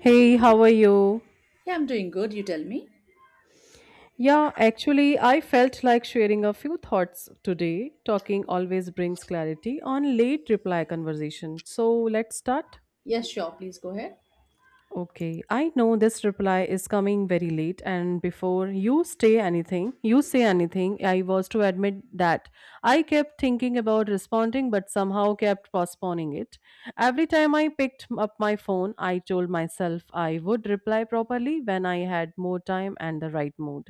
Hey, how are you? Yeah, I'm doing good, you tell me. Yeah, actually, I felt like sharing a few thoughts today. Talking always brings clarity on late reply conversation. So let's start. Yes, sure, please go ahead. Okay, I know this reply is coming very late, and before you say anything, I was to admit that I kept thinking about responding but somehow kept postponing it. Every time I picked up my phone, I told myself I would reply properly when I had more time and the right mood.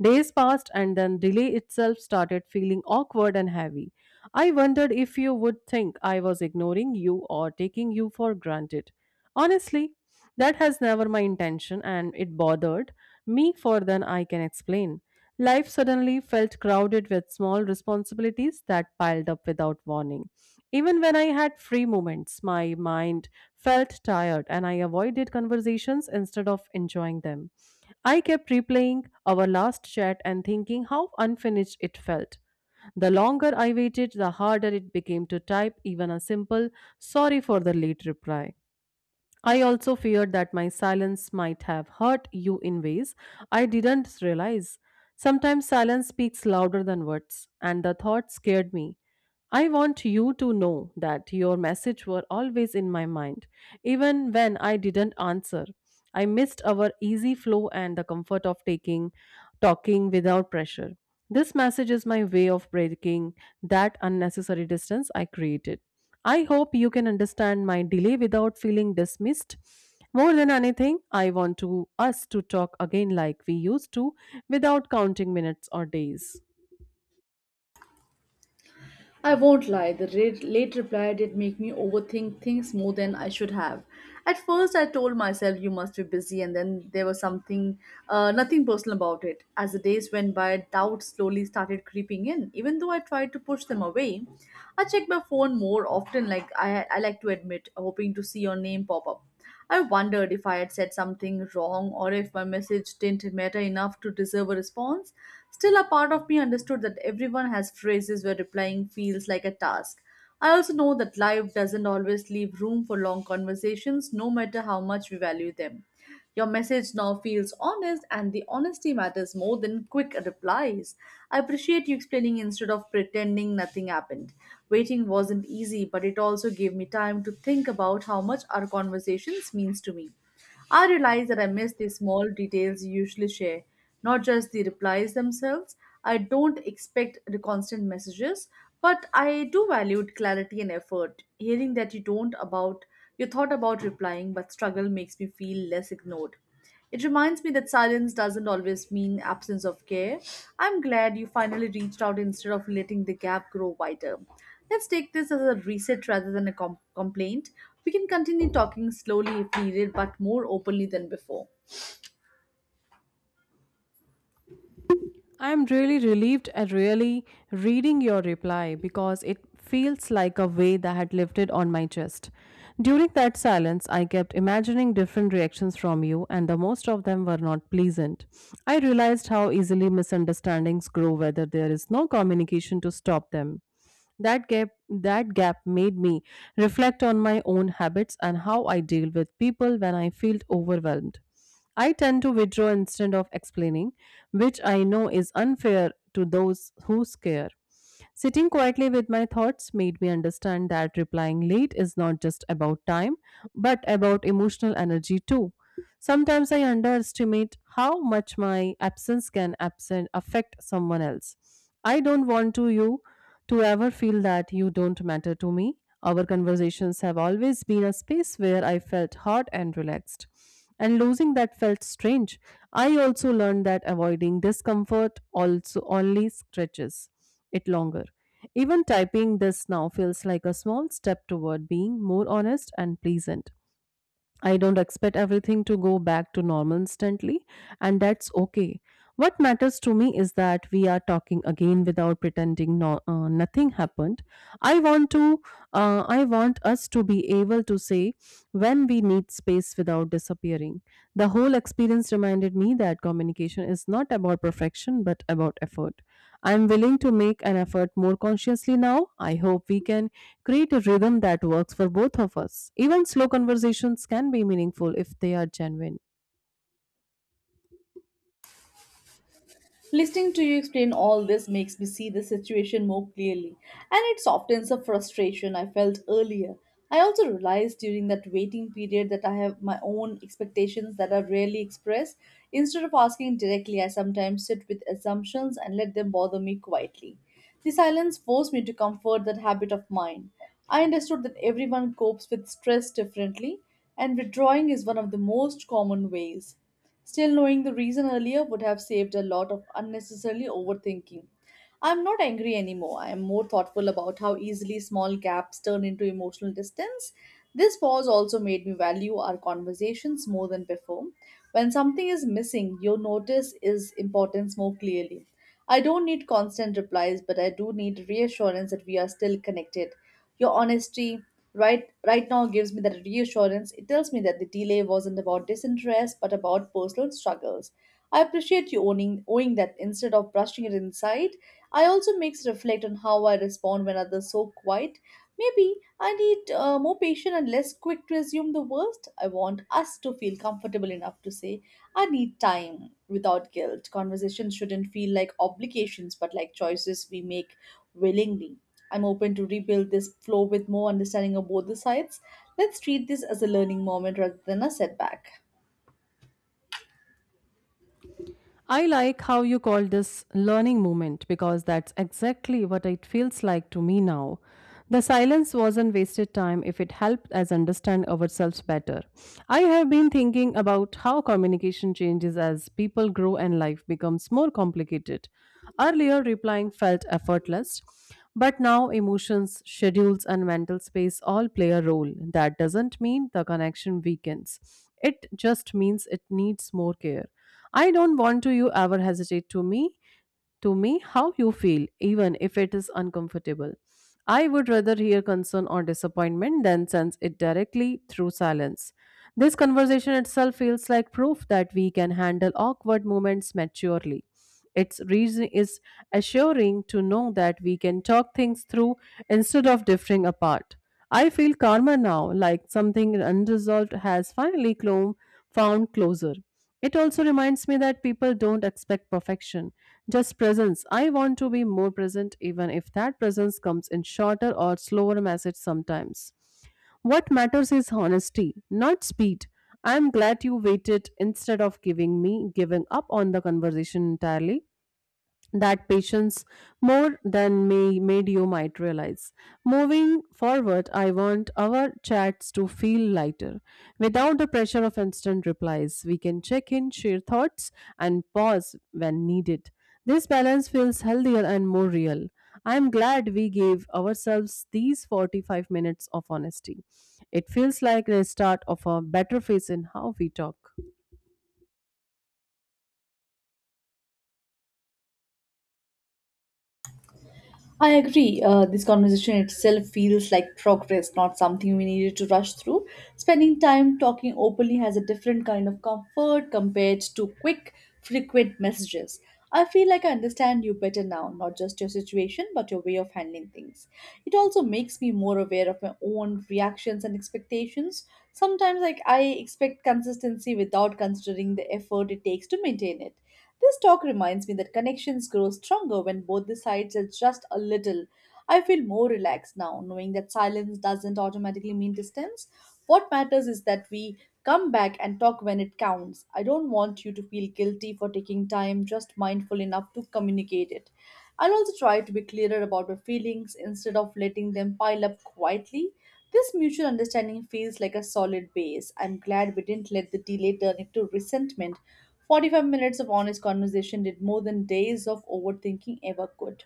Days passed, and then delay itself started feeling awkward and heavy. I wondered if you would think I was ignoring you or taking you for granted. Honestly, that has never my intention and it bothered me for than I can explain. Life suddenly felt crowded with small responsibilities that piled up without warning. Even when I had free moments, my mind felt tired and I avoided conversations instead of enjoying them. I kept replaying our last chat and thinking how unfinished it felt. The longer I waited, the harder it became to type even a simple sorry for the late reply. I also feared that my silence might have hurt you in ways I didn't realize. Sometimes silence speaks louder than words, and the thought scared me. I want you to know that your message were always in my mind, even when I didn't answer. I missed our easy flow and the comfort of taking talking without pressure. This message is my way of breaking that unnecessary distance I created. I hope you can understand my delay without feeling dismissed. More than anything, I want to us to talk again like we used to without counting minutes or days. I won't lie, the late reply did make me overthink things more than I should have. At first, I told myself you must be busy, and then there was something, nothing personal about it. As the days went by, doubts slowly started creeping in. Even though I tried to push them away, I checked my phone more often, like I like to admit, hoping to see your name pop up. I wondered if I had said something wrong or if my message didn't matter enough to deserve a response. Still, a part of me understood that everyone has phrases where replying feels like a task. I also know that life doesn't always leave room for long conversations, no matter how much we value them. Your message now feels honest, and the honesty matters more than quick replies. I appreciate you explaining instead of pretending nothing happened. Waiting wasn't easy, but it also gave me time to think about how much our conversations means to me. I realize that I miss the small details you usually share, not just the replies themselves. I don't expect the constant messages, but I do value clarity and effort. Hearing that you don't about you thought about replying but struggle makes me feel less ignored. It reminds me that silence doesn't always mean absence of care. I'm glad you finally reached out instead of letting the gap grow wider. Let's take this as a reset rather than a complaint. We can continue talking slowly if needed, but more openly than before. I'm really relieved at really reading your reply because it feels like a weight that had lifted on my chest. During that silence, I kept imagining different reactions from you, and the most of them were not pleasant. I realized how easily misunderstandings grow whether there is no communication to stop them. That gap made me reflect on my own habits and how I deal with people when I feel overwhelmed. I tend to withdraw instead of explaining, which I know is unfair to those who care. Sitting quietly with my thoughts made me understand that replying late is not just about time, but about emotional energy too. Sometimes I underestimate how much my absence can absent affect someone else. I don't want to you to ever feel that you don't matter to me. Our conversations have always been a space where I felt hot and relaxed. And losing that felt strange. I also learned that avoiding discomfort also only stretches it longer. Even typing this now feels like a small step toward being more honest and pleasant. I don't expect everything to go back to normal instantly, and that's okay. What matters to me is that we are talking again without pretending nothing happened. I want to, I want us to be able to say when we need space without disappearing. The whole experience reminded me that communication is not about perfection but about effort. I am willing to make an effort more consciously now. I hope we can create a rhythm that works for both of us. Even slow conversations can be meaningful if they are genuine. Listening to you explain all this makes me see the situation more clearly, and it softens the frustration I felt earlier. I also realized during that waiting period that I have my own expectations that are rarely expressed. Instead of asking directly, I sometimes sit with assumptions and let them bother me quietly. The silence forced me to comfort that habit of mine. I understood that everyone copes with stress differently, and withdrawing is one of the most common ways. Still, knowing the reason earlier would have saved a lot of unnecessarily overthinking. I'm not angry anymore. I am more thoughtful about how easily small gaps turn into emotional distance. This pause also made me value our conversations more than before. When something is missing, you notice its importance more clearly. I don't need constant replies, but I do need reassurance that we are still connected. Your honesty, right now gives me that reassurance. It tells me that the delay wasn't about disinterest but about personal struggles. I appreciate you owning owing that instead of brushing it inside. I also makes reflect on how I respond when others so quiet. Maybe I need more patient and less quick to assume the worst. I want us to feel comfortable enough to say I need time without guilt. Conversations shouldn't feel like obligations, but like choices we make willingly. I'm open to rebuild this flow with more understanding of both the sides. Let's treat this as a learning moment rather than a setback. I like how you call this learning moment because that's exactly what it feels like to me now. The silence wasn't wasted time if it helped us understand ourselves better. I have been thinking about how communication changes as people grow and life becomes more complicated. Earlier, replying felt effortless, but now emotions, schedules, and mental space all play a role. That doesn't mean the connection weakens, it just means it needs more care. I don't want to you ever hesitate to me how you feel, even if it is uncomfortable. I would rather hear concern or disappointment than sense it directly through silence. This conversation itself feels like proof that we can handle awkward moments maturely. Its reason is assuring to know that we can talk things through instead of drifting apart. I feel calmer now, like something unresolved has finally found closure. It also reminds me that people don't expect perfection, just presence. I want to be more present, even if that presence comes in shorter or slower message sometimes. What matters is honesty, not speed. I am glad you waited instead of giving up on the conversation entirely. That patience more than may made you might realize. Moving forward, I want our chats to feel lighter. Without the pressure of instant replies, we can check in, share thoughts, and pause when needed. This balance feels healthier and more real. I am glad we gave ourselves these 45 minutes of honesty. It feels like the start of a better phase in how we talk. I agree. This conversation itself feels like progress, not something we needed to rush through. Spending time talking openly has a different kind of comfort compared to quick, frequent messages. I feel like I understand you better now, not just your situation, but your way of handling things. It also makes me more aware of my own reactions and expectations. Sometimes, like, I expect consistency without considering the effort it takes to maintain it. This talk reminds me that connections grow stronger when both the sides adjust a little. I feel more relaxed now, knowing that silence doesn't automatically mean distance. What matters is that we come back and talk when it counts. I don't want you to feel guilty for taking time, just mindful enough to communicate it. I'll also try to be clearer about my feelings instead of letting them pile up quietly. This mutual understanding feels like a solid base. I'm glad we didn't let the delay turn into resentment. 45 minutes of honest conversation did more than days of overthinking ever could.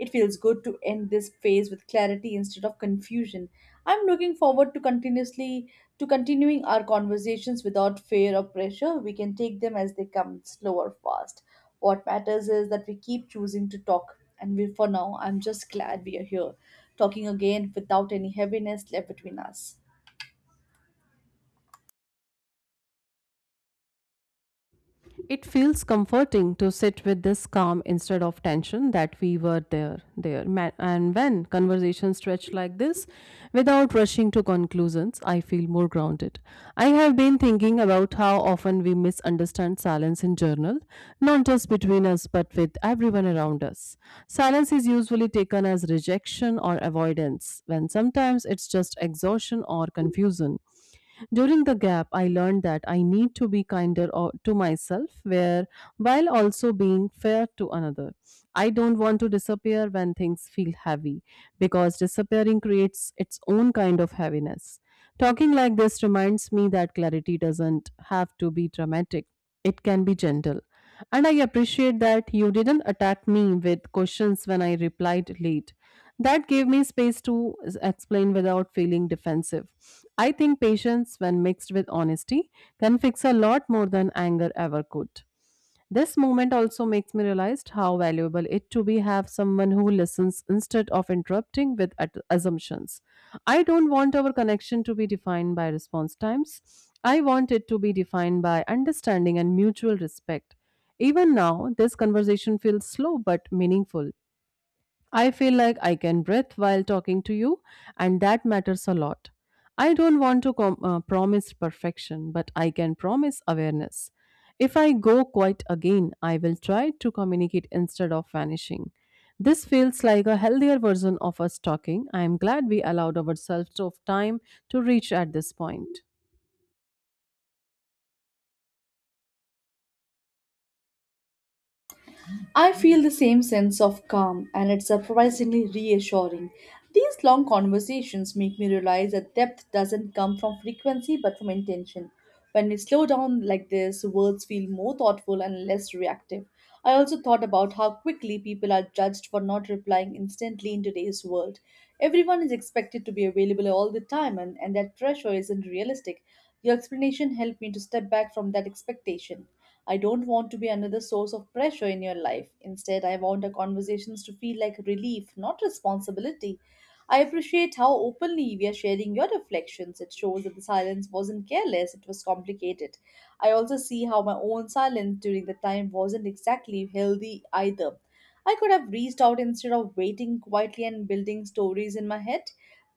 It feels good to end this phase with clarity instead of confusion. I'm looking forward to continuing our conversations without fear or pressure. We can take them as they come, slow or fast. What matters is that we keep choosing to talk. And we, for now, I'm just glad we are here, talking again without any heaviness left between us. It feels comforting to sit with this calm instead of tension that we were And when conversations stretch like this, without rushing to conclusions, I feel more grounded. I have been thinking about how often we misunderstand silence in journal, not just between us but with everyone around us. Silence is usually taken as rejection or avoidance, when sometimes it's just exhaustion or confusion. During the gap, I learned that I need to be kinder to myself, where while also being fair to another. I don't want to disappear when things feel heavy, because disappearing creates its own kind of heaviness. Talking like this reminds me that clarity doesn't have to be dramatic; it can be gentle. And I appreciate that you didn't attack me with questions when I replied late. That gave me space to explain without feeling defensive. I think patience, when mixed with honesty, can fix a lot more than anger ever could. This moment also makes me realize how valuable it to be have someone who listens instead of interrupting with assumptions. I don't want our connection to be defined by response times. I want it to be defined by understanding and mutual respect. Even now, this conversation feels slow but meaningful. I feel like I can breathe while talking to you, and that matters a lot. I don't want to promise perfection, but I can promise awareness. If I go quiet again, I will try to communicate instead of vanishing. This feels like a healthier version of us talking. I am glad we allowed ourselves of time to reach at this point. I feel the same sense of calm, and it's surprisingly reassuring. These long conversations make me realize that depth doesn't come from frequency but from intention. When we slow down like this, words feel more thoughtful and less reactive. I also thought about how quickly people are judged for not replying instantly in today's world. Everyone is expected to be available all the time, and that pressure isn't realistic. Your explanation helped me to step back from that expectation. I don't want to be another source of pressure in your life. Instead, I want our conversations to feel like relief, not responsibility. I appreciate how openly we are sharing your reflections. It shows that the silence wasn't careless, it was complicated. I also see how my own silence during the time wasn't exactly healthy either. I could have reached out instead of waiting quietly and building stories in my head.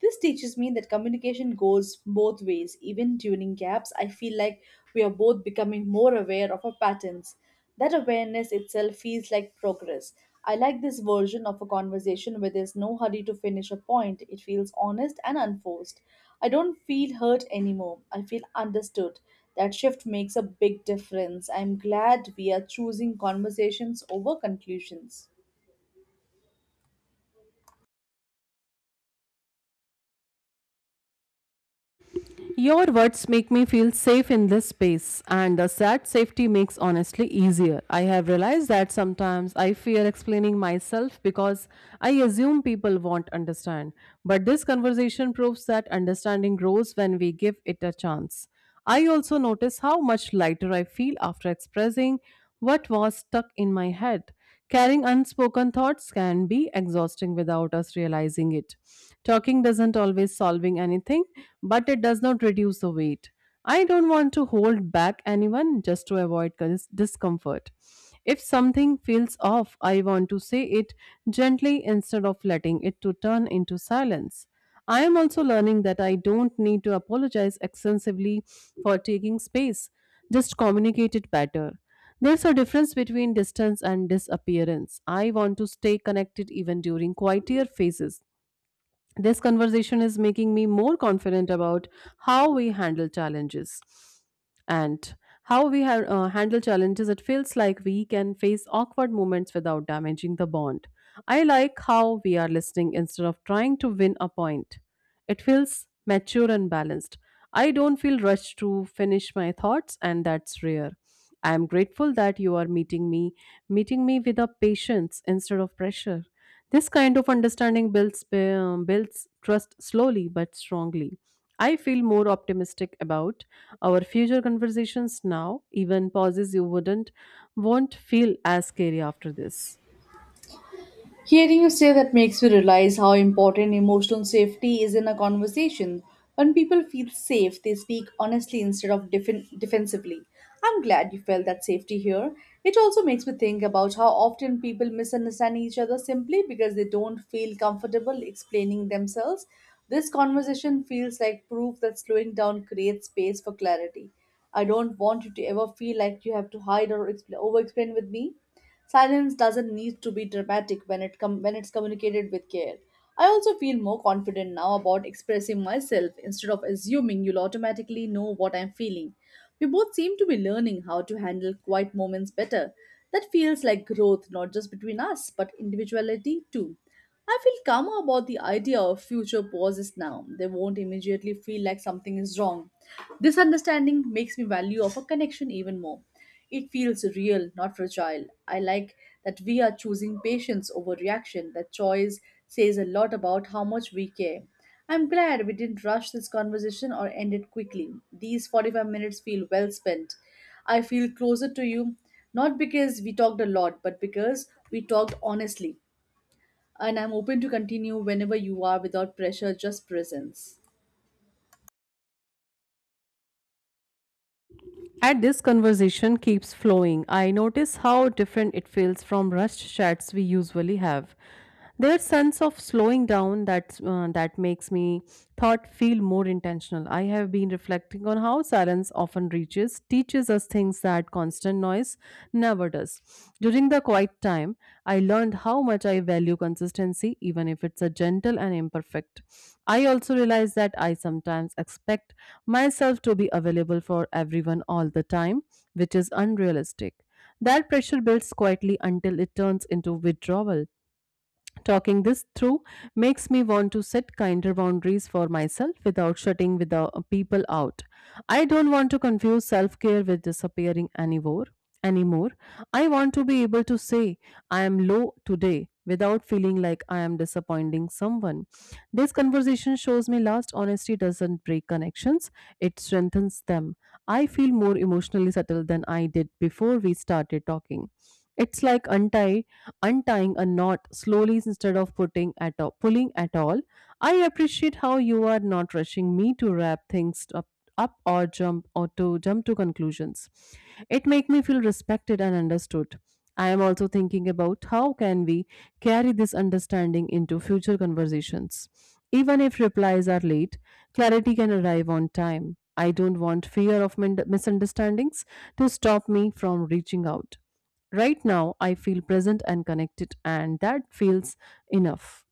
This teaches me that communication goes both ways. Even during gaps, I feel like we are both becoming more aware of our patterns. That awareness itself feels like progress. I like this version of a conversation where there's no hurry to finish a point. It feels honest and unforced. I don't feel hurt anymore. I feel understood. That shift makes a big difference. I'm glad we are choosing conversations over conclusions. Your words make me feel safe in this space, and the sad safety makes honestly easier. I have realized that sometimes I fear explaining myself because I assume people won't understand. But this conversation proves that understanding grows when we give it a chance. I also notice how much lighter I feel after expressing what was stuck in my head. Carrying unspoken thoughts can be exhausting without us realizing it. Talking doesn't always solving anything, but it does not reduce the weight. I don't want to hold back anyone just to avoid discomfort. If something feels off, I want to say it gently instead of letting it to turn into silence. I am also learning that I don't need to apologize extensively for taking space. Just communicate it better. There's a difference between distance and disappearance. I want to stay connected even during quieter phases. This conversation is making me more confident about how we handle challenges and handle challenges. It feels like we can face awkward moments without damaging the bond. I like how we are listening instead of trying to win a point. It feels mature and balanced. I don't feel rushed to finish my thoughts, and that's rare. I am grateful that you are meeting me with a patience instead of pressure. This kind of understanding builds trust slowly but strongly. I feel more optimistic about our future conversations now. Even pauses you wouldn't won't feel as scary after this. Hearing you say that makes me realize how important emotional safety is in a conversation. When people feel safe, they speak honestly instead of defensively. I'm glad you felt that safety here. It also makes me think about how often people misunderstand each other simply because they don't feel comfortable explaining themselves. This conversation feels like proof that slowing down creates space for clarity. I don't want you to ever feel like you have to hide or over explain with me. Silence doesn't need to be dramatic when it's communicated with care. I also feel more confident now about expressing myself instead of assuming you'll automatically know what I'm feeling. We both seem to be learning how to handle quiet moments better. That feels like growth, not just between us, but individuality too. I feel calmer about the idea of future pauses now. They won't immediately feel like something is wrong. This understanding makes me value of a connection even more. It feels real, not fragile. I like that we are choosing patience over reaction. That choice says a lot about how much we care. I'm glad we didn't rush this conversation or end it quickly. These 45 minutes feel well spent. I feel closer to you, not because we talked a lot, but because we talked honestly and I'm open to continue whenever you are without pressure, just presence. At this conversation keeps flowing, I notice how different it feels from rushed chats we usually have. Their sense of slowing down that makes me thought feel more intentional. I have been reflecting on how silence often reaches teaches us things that constant noise never does. During the quiet time, I learned how much I value consistency, even if it's a gentle and imperfect. I also realized that I sometimes expect myself to be available for everyone all the time, which is unrealistic. That pressure builds quietly until it turns into withdrawal. Talking this through makes me want to set kinder boundaries for myself without shutting without people out. I don't want to confuse self-care with disappearing anymore. Anymore, I want to be able to say I am low today without feeling like I am disappointing someone. This conversation shows me last honesty doesn't break connections, it strengthens them. I feel more emotionally settled than I did before we started talking. It's like untie untying a knot slowly instead of putting at all, pulling at all. I appreciate how you are not rushing me to wrap things up or jump or to jump to conclusions. It make me feel respected and understood. I am also thinking about how can we carry this understanding into future conversations. Even if replies are late, clarity can arrive on time. I don't want fear of misunderstandings to stop me from reaching out. Right now, I feel present and connected, and that feels enough.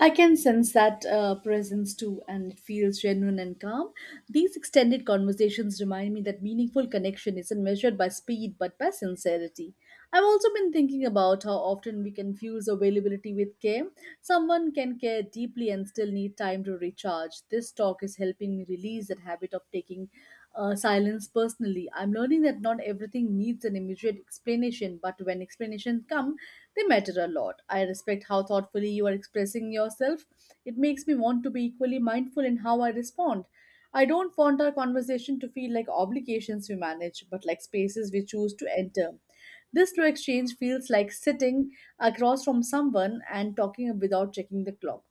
I can sense that presence too, and it feels genuine and calm. These extended conversations remind me that meaningful connection isn't measured by speed but by sincerity. I've also been thinking about how often we confuse availability with care. Someone can care deeply and still need time to recharge. This talk is helping me release that habit of taking silence personally. I'm learning that not everything needs an immediate explanation, but when explanations come, they matter a lot. I respect how thoughtfully you are expressing yourself. It makes me want to be equally mindful in how I respond. I don't want our conversation to feel like obligations we manage, but like spaces we choose to enter. This slow exchange feels like sitting across from someone and talking without checking the clock.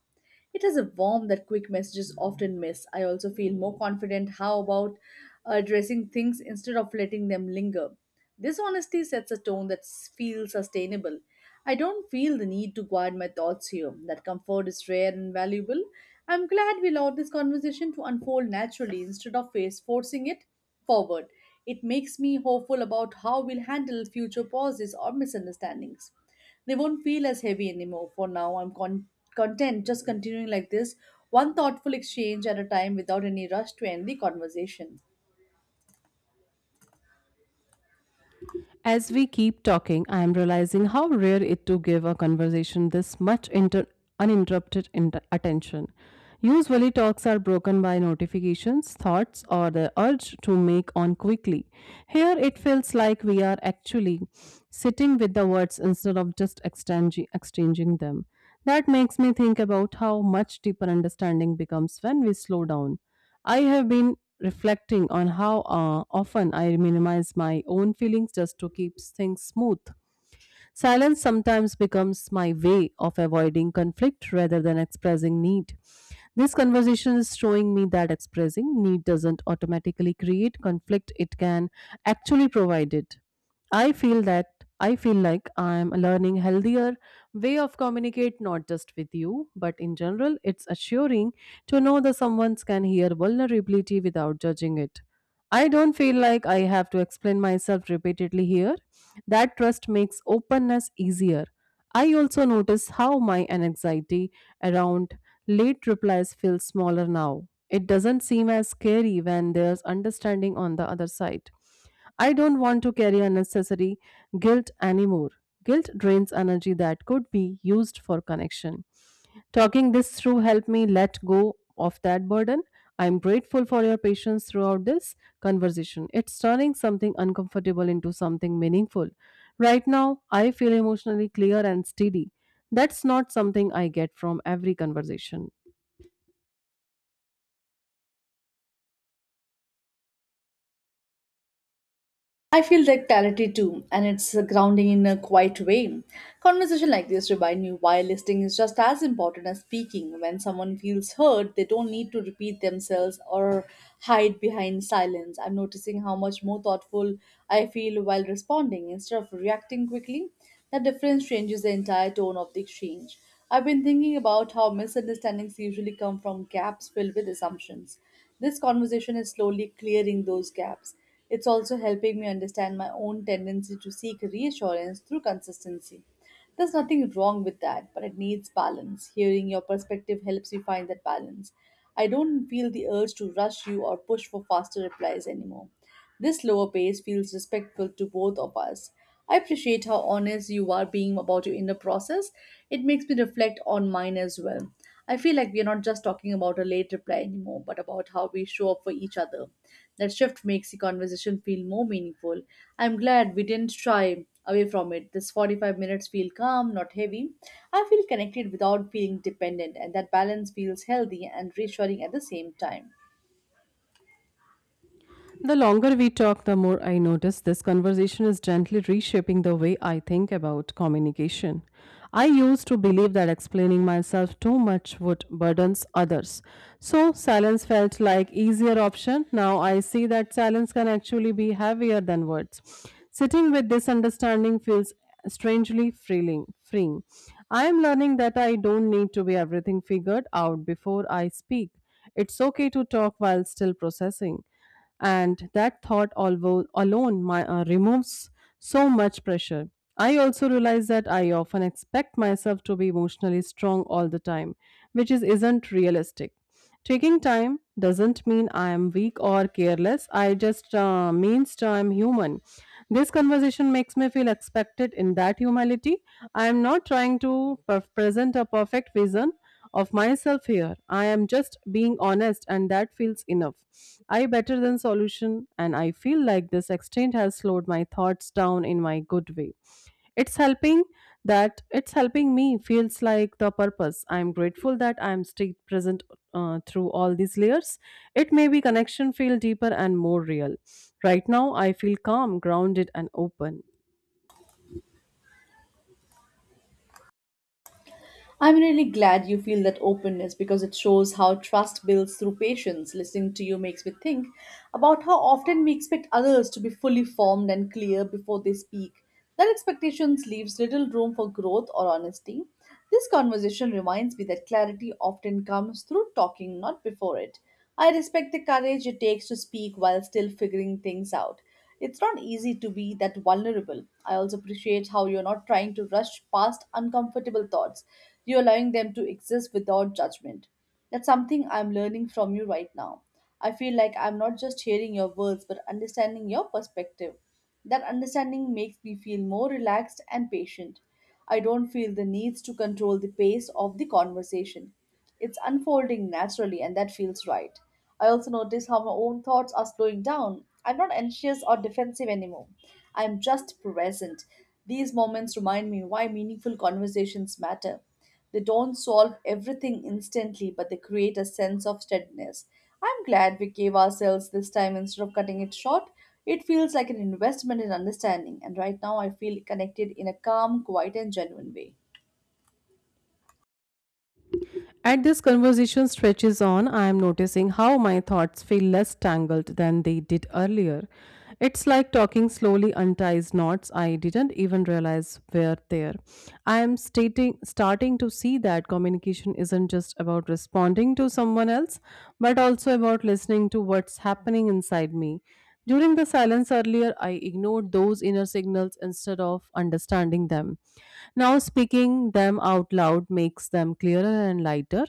It has a warmth that quick messages often miss. I also feel more confident how about addressing things instead of letting them linger. This honesty sets a tone that feels sustainable. I don't feel the need to guard my thoughts here. That comfort is rare and valuable. I'm glad we allowed this conversation to unfold naturally instead of face forcing it forward. It makes me hopeful about how we'll handle future pauses or misunderstandings. They won't feel as heavy anymore. For now, I'm content just continuing like this, one thoughtful exchange at a time without any rush to end the conversation. As we keep talking, I am realizing how rare it to give a conversation this much uninterrupted attention. Usually, talks are broken by notifications, thoughts, or the urge to make on quickly. Here, it feels like we are actually sitting with the words instead of just exchanging them. That makes me think about how much deeper understanding becomes when we slow down. I have been reflecting on how often I minimize my own feelings just to keep things smooth. Silence sometimes becomes my way of avoiding conflict rather than expressing need. This conversation is showing me that expressing need doesn't automatically create conflict, it can actually provide it. I feel that I feel like I am learning healthier way of communicate not just with you but in general, it's assuring to know that someone can hear vulnerability without judging it. I don't feel like I have to explain myself repeatedly here, that trust makes openness easier. I also notice how my anxiety around late replies feels smaller now. It doesn't seem as scary when there's understanding on the other side. I don't want to carry unnecessary guilt anymore. Guilt drains energy that could be used for connection. Talking this through helped me let go of that burden. I am grateful for your patience throughout this conversation. It's turning something uncomfortable into something meaningful. Right now, I feel emotionally clear and steady. That's not something I get from every conversation. I feel that clarity too, and it's grounding in a quiet way. Conversation like this remind me why listening is just as important as speaking. When someone feels heard, they don't need to repeat themselves or hide behind silence. I'm noticing how much more thoughtful I feel while responding instead of reacting quickly. That difference changes the entire tone of the exchange. I've been thinking about how misunderstandings usually come from gaps filled with assumptions. This conversation is slowly clearing those gaps. It's also helping me understand my own tendency to seek reassurance through consistency. There's nothing wrong with that, but it needs balance. Hearing your perspective helps me find that balance. I don't feel the urge to rush you or push for faster replies anymore. This lower pace feels respectful to both of us. I appreciate how honest you are being about your inner process. It makes me reflect on mine as well. I feel like we are not just talking about a late reply anymore, but about how we show up for each other. That shift makes the conversation feel more meaningful. I'm glad we didn't shy away from it. This 45 minutes feel calm, not heavy. I feel connected without feeling dependent, and that balance feels healthy and reassuring at the same time. The longer we talk, the more I notice this conversation is gently reshaping the way I think about communication. I used to believe that explaining myself too much would burden others. So silence felt like easier option. Now I see that silence can actually be heavier than words. Sitting with this understanding feels strangely freeing. I am learning that I don't need to be everything figured out before I speak. It's okay to talk while still processing, and that thought alone removes so much pressure. I also realize that I often expect myself to be emotionally strong all the time, which is isn't realistic. Taking time doesn't mean I am weak or careless. I just means I'm human. This conversation makes me feel expected in that humility. I am not trying to present a perfect vision of myself here. I am just being honest, and that feels enough. I better than solution, and I feel like this exchange has slowed my thoughts down in my good way. It's helping it's helping me feels like the purpose. I'm grateful that I'm still present through all these layers. It may be connection feel deeper and more real. Right now, I feel calm, grounded, and open. I'm really glad you feel that openness because it shows how trust builds through patience. Listening to you makes me think about how often we expect others to be fully formed and clear before they speak. That expectations leaves little room for growth or honesty. This conversation reminds me that clarity often comes through talking, not before it. I respect the courage it takes to speak while still figuring things out. It's not easy to be that vulnerable. I also appreciate how you're not trying to rush past uncomfortable thoughts. You're allowing them to exist without judgment. That's something I'm learning from you right now. I feel like I'm not just hearing your words but understanding your perspective. That understanding makes me feel more relaxed and patient. I don't feel the needs to control the pace of the conversation. It's unfolding naturally, and that feels right. I also notice how my own thoughts are slowing down. I'm not anxious or defensive anymore. I'm just present. These moments remind me why meaningful conversations matter. They don't solve everything instantly, but they create a sense of steadiness. I'm glad we gave ourselves this time instead of cutting it short. It feels like an investment in understanding, and right now I feel connected in a calm, quiet, and genuine way. As this conversation stretches on, I am noticing how my thoughts feel less tangled than they did earlier. It's like talking slowly unties knots I didn't even realize were there. I am starting to see that communication isn't just about responding to someone else, but also about listening to what's happening inside me. During the silence earlier, I ignored those inner signals instead of understanding them. Now, speaking them out loud makes them clearer and lighter.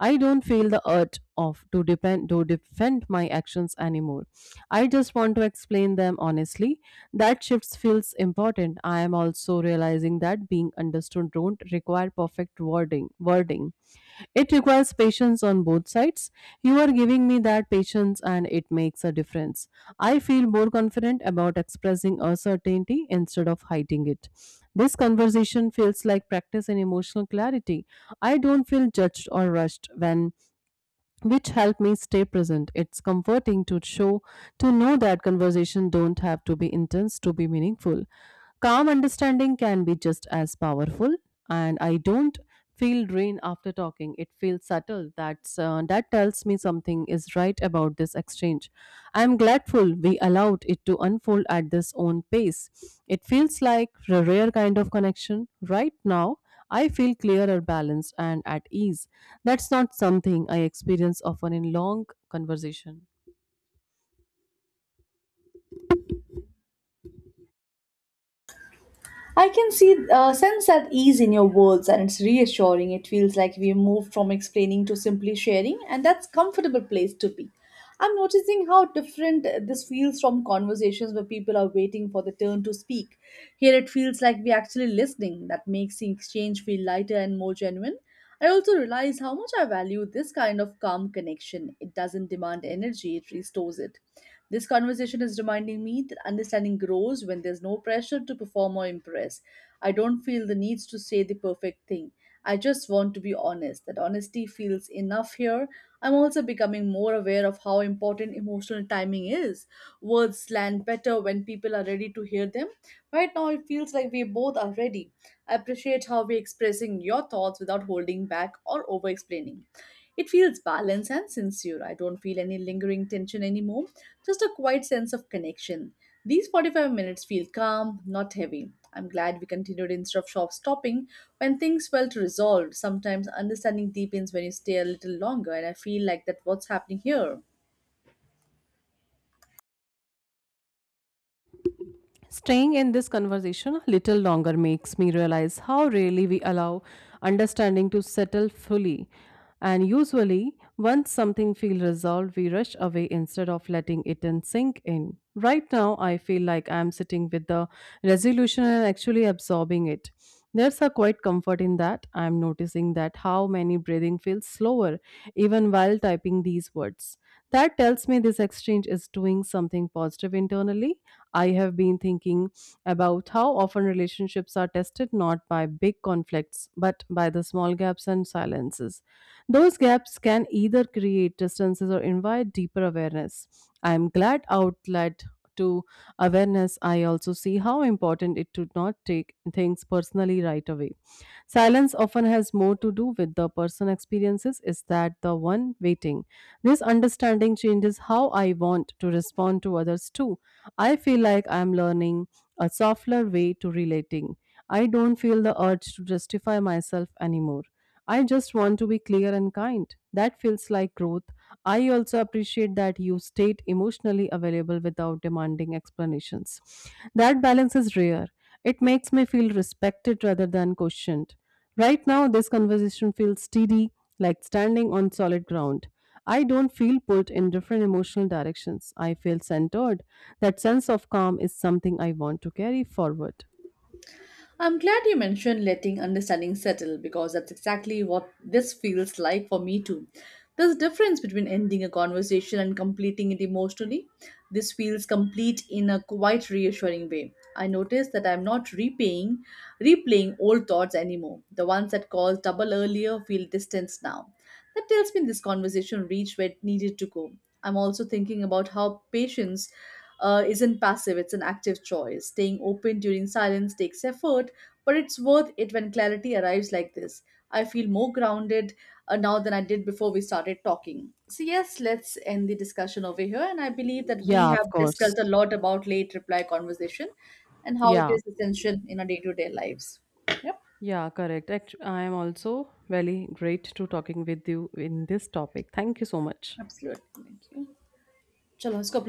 I don't feel the urge of to depend to defend my actions anymore. I just want to explain them honestly. That shift feels important. I am also realizing that being understood don't require perfect wording. It requires patience on both sides. You are giving me that patience and it makes a difference. I feel more confident about expressing uncertainty instead of hiding it. This conversation feels like practice in emotional clarity. I don't feel judged or rushed, when which help me stay present. It's comforting to know that conversation don't have to be intense to be meaningful. Calm understanding can be just as powerful, and I don't feel drained after talking. It feels subtle. That tells me something is right about this exchange. I'm grateful we allowed it to unfold at this own pace. It feels like a rare kind of connection right now. I feel clearer, balanced, and at ease. That's not something I experience often in long conversation. I can see, sense that ease in your words, and it's reassuring. It feels like we moved from explaining to simply sharing, and that's comfortable place to be. I'm noticing how different this feels from conversations where people are waiting for the turn to speak. Here, it feels like we're actually listening. That makes the exchange feel lighter and more genuine. I also realize how much I value this kind of calm connection. It doesn't demand energy, it restores it. This conversation is reminding me that understanding grows when there's no pressure to perform or impress. I don't feel the need to say the perfect thing. I just want to be honest. That honesty feels enough here. I'm also becoming more aware of how important emotional timing is. Words land better when people are ready to hear them. Right now, it feels like we both are ready. I appreciate how we're expressing your thoughts without holding back or over explaining. It feels balanced and sincere. I don't feel any lingering tension anymore, just a quiet sense of connection. These 45 minutes feel calm, not heavy. I'm glad we continued instead of shop stopping when things felt resolved. Sometimes understanding deepens when you stay a little longer, and I feel like that what's happening here. Staying in this conversation a little longer makes me realize how rarely we allow understanding to settle fully. And usually, once something feels resolved, we rush away instead of letting it in sink in. Right now, I feel like I am sitting with the resolution and actually absorbing it. There's a quite comfort in that. I'm noticing that how many breathing feels slower even while typing these words. That tells me this exchange is doing something positive internally. I have been thinking about how often relationships are tested not by big conflicts but by the small gaps and silences. Those gaps can either create distances or invite deeper awareness. I am glad outlet to awareness. I also see how important it to not take things personally right away. Silence often has more to do with the person experiences is that the one waiting. This understanding changes how I want to respond to others too. I feel like I'm learning a softer way to relating. I don't feel the urge to justify myself anymore. I just want to be clear and kind. That feels like growth. I also appreciate that you stayed emotionally available without demanding explanations. That balance is rare. It makes me feel respected rather than questioned. Right now, this conversation feels steady, like standing on solid ground. I don't feel pulled in different emotional directions. I feel centered. That sense of calm is something I want to carry forward. I'm glad you mentioned letting understanding settle because that's exactly what this feels like for me too. There's a difference between ending a conversation and completing it emotionally. This feels complete in a quite reassuring way. I notice that I'm not replaying old thoughts anymore. The ones that caused trouble earlier feel distant now. That tells me this conversation reached where it needed to go. I'm also thinking about how patience isn't passive, it's an active choice. Staying open during silence takes effort, but it's worth it when clarity arrives like this. I feel more grounded now than I did before we started talking. So, yes, let's end the discussion over here. And I believe that we Yeah, have of course. discussed a lot about late reply conversation and how it Yeah. is essential in our day to day lives. Yep, Yeah, correct. I am also very great to talking with you in this topic. Thank you so much. absolutely. Thank you. Chalo, isko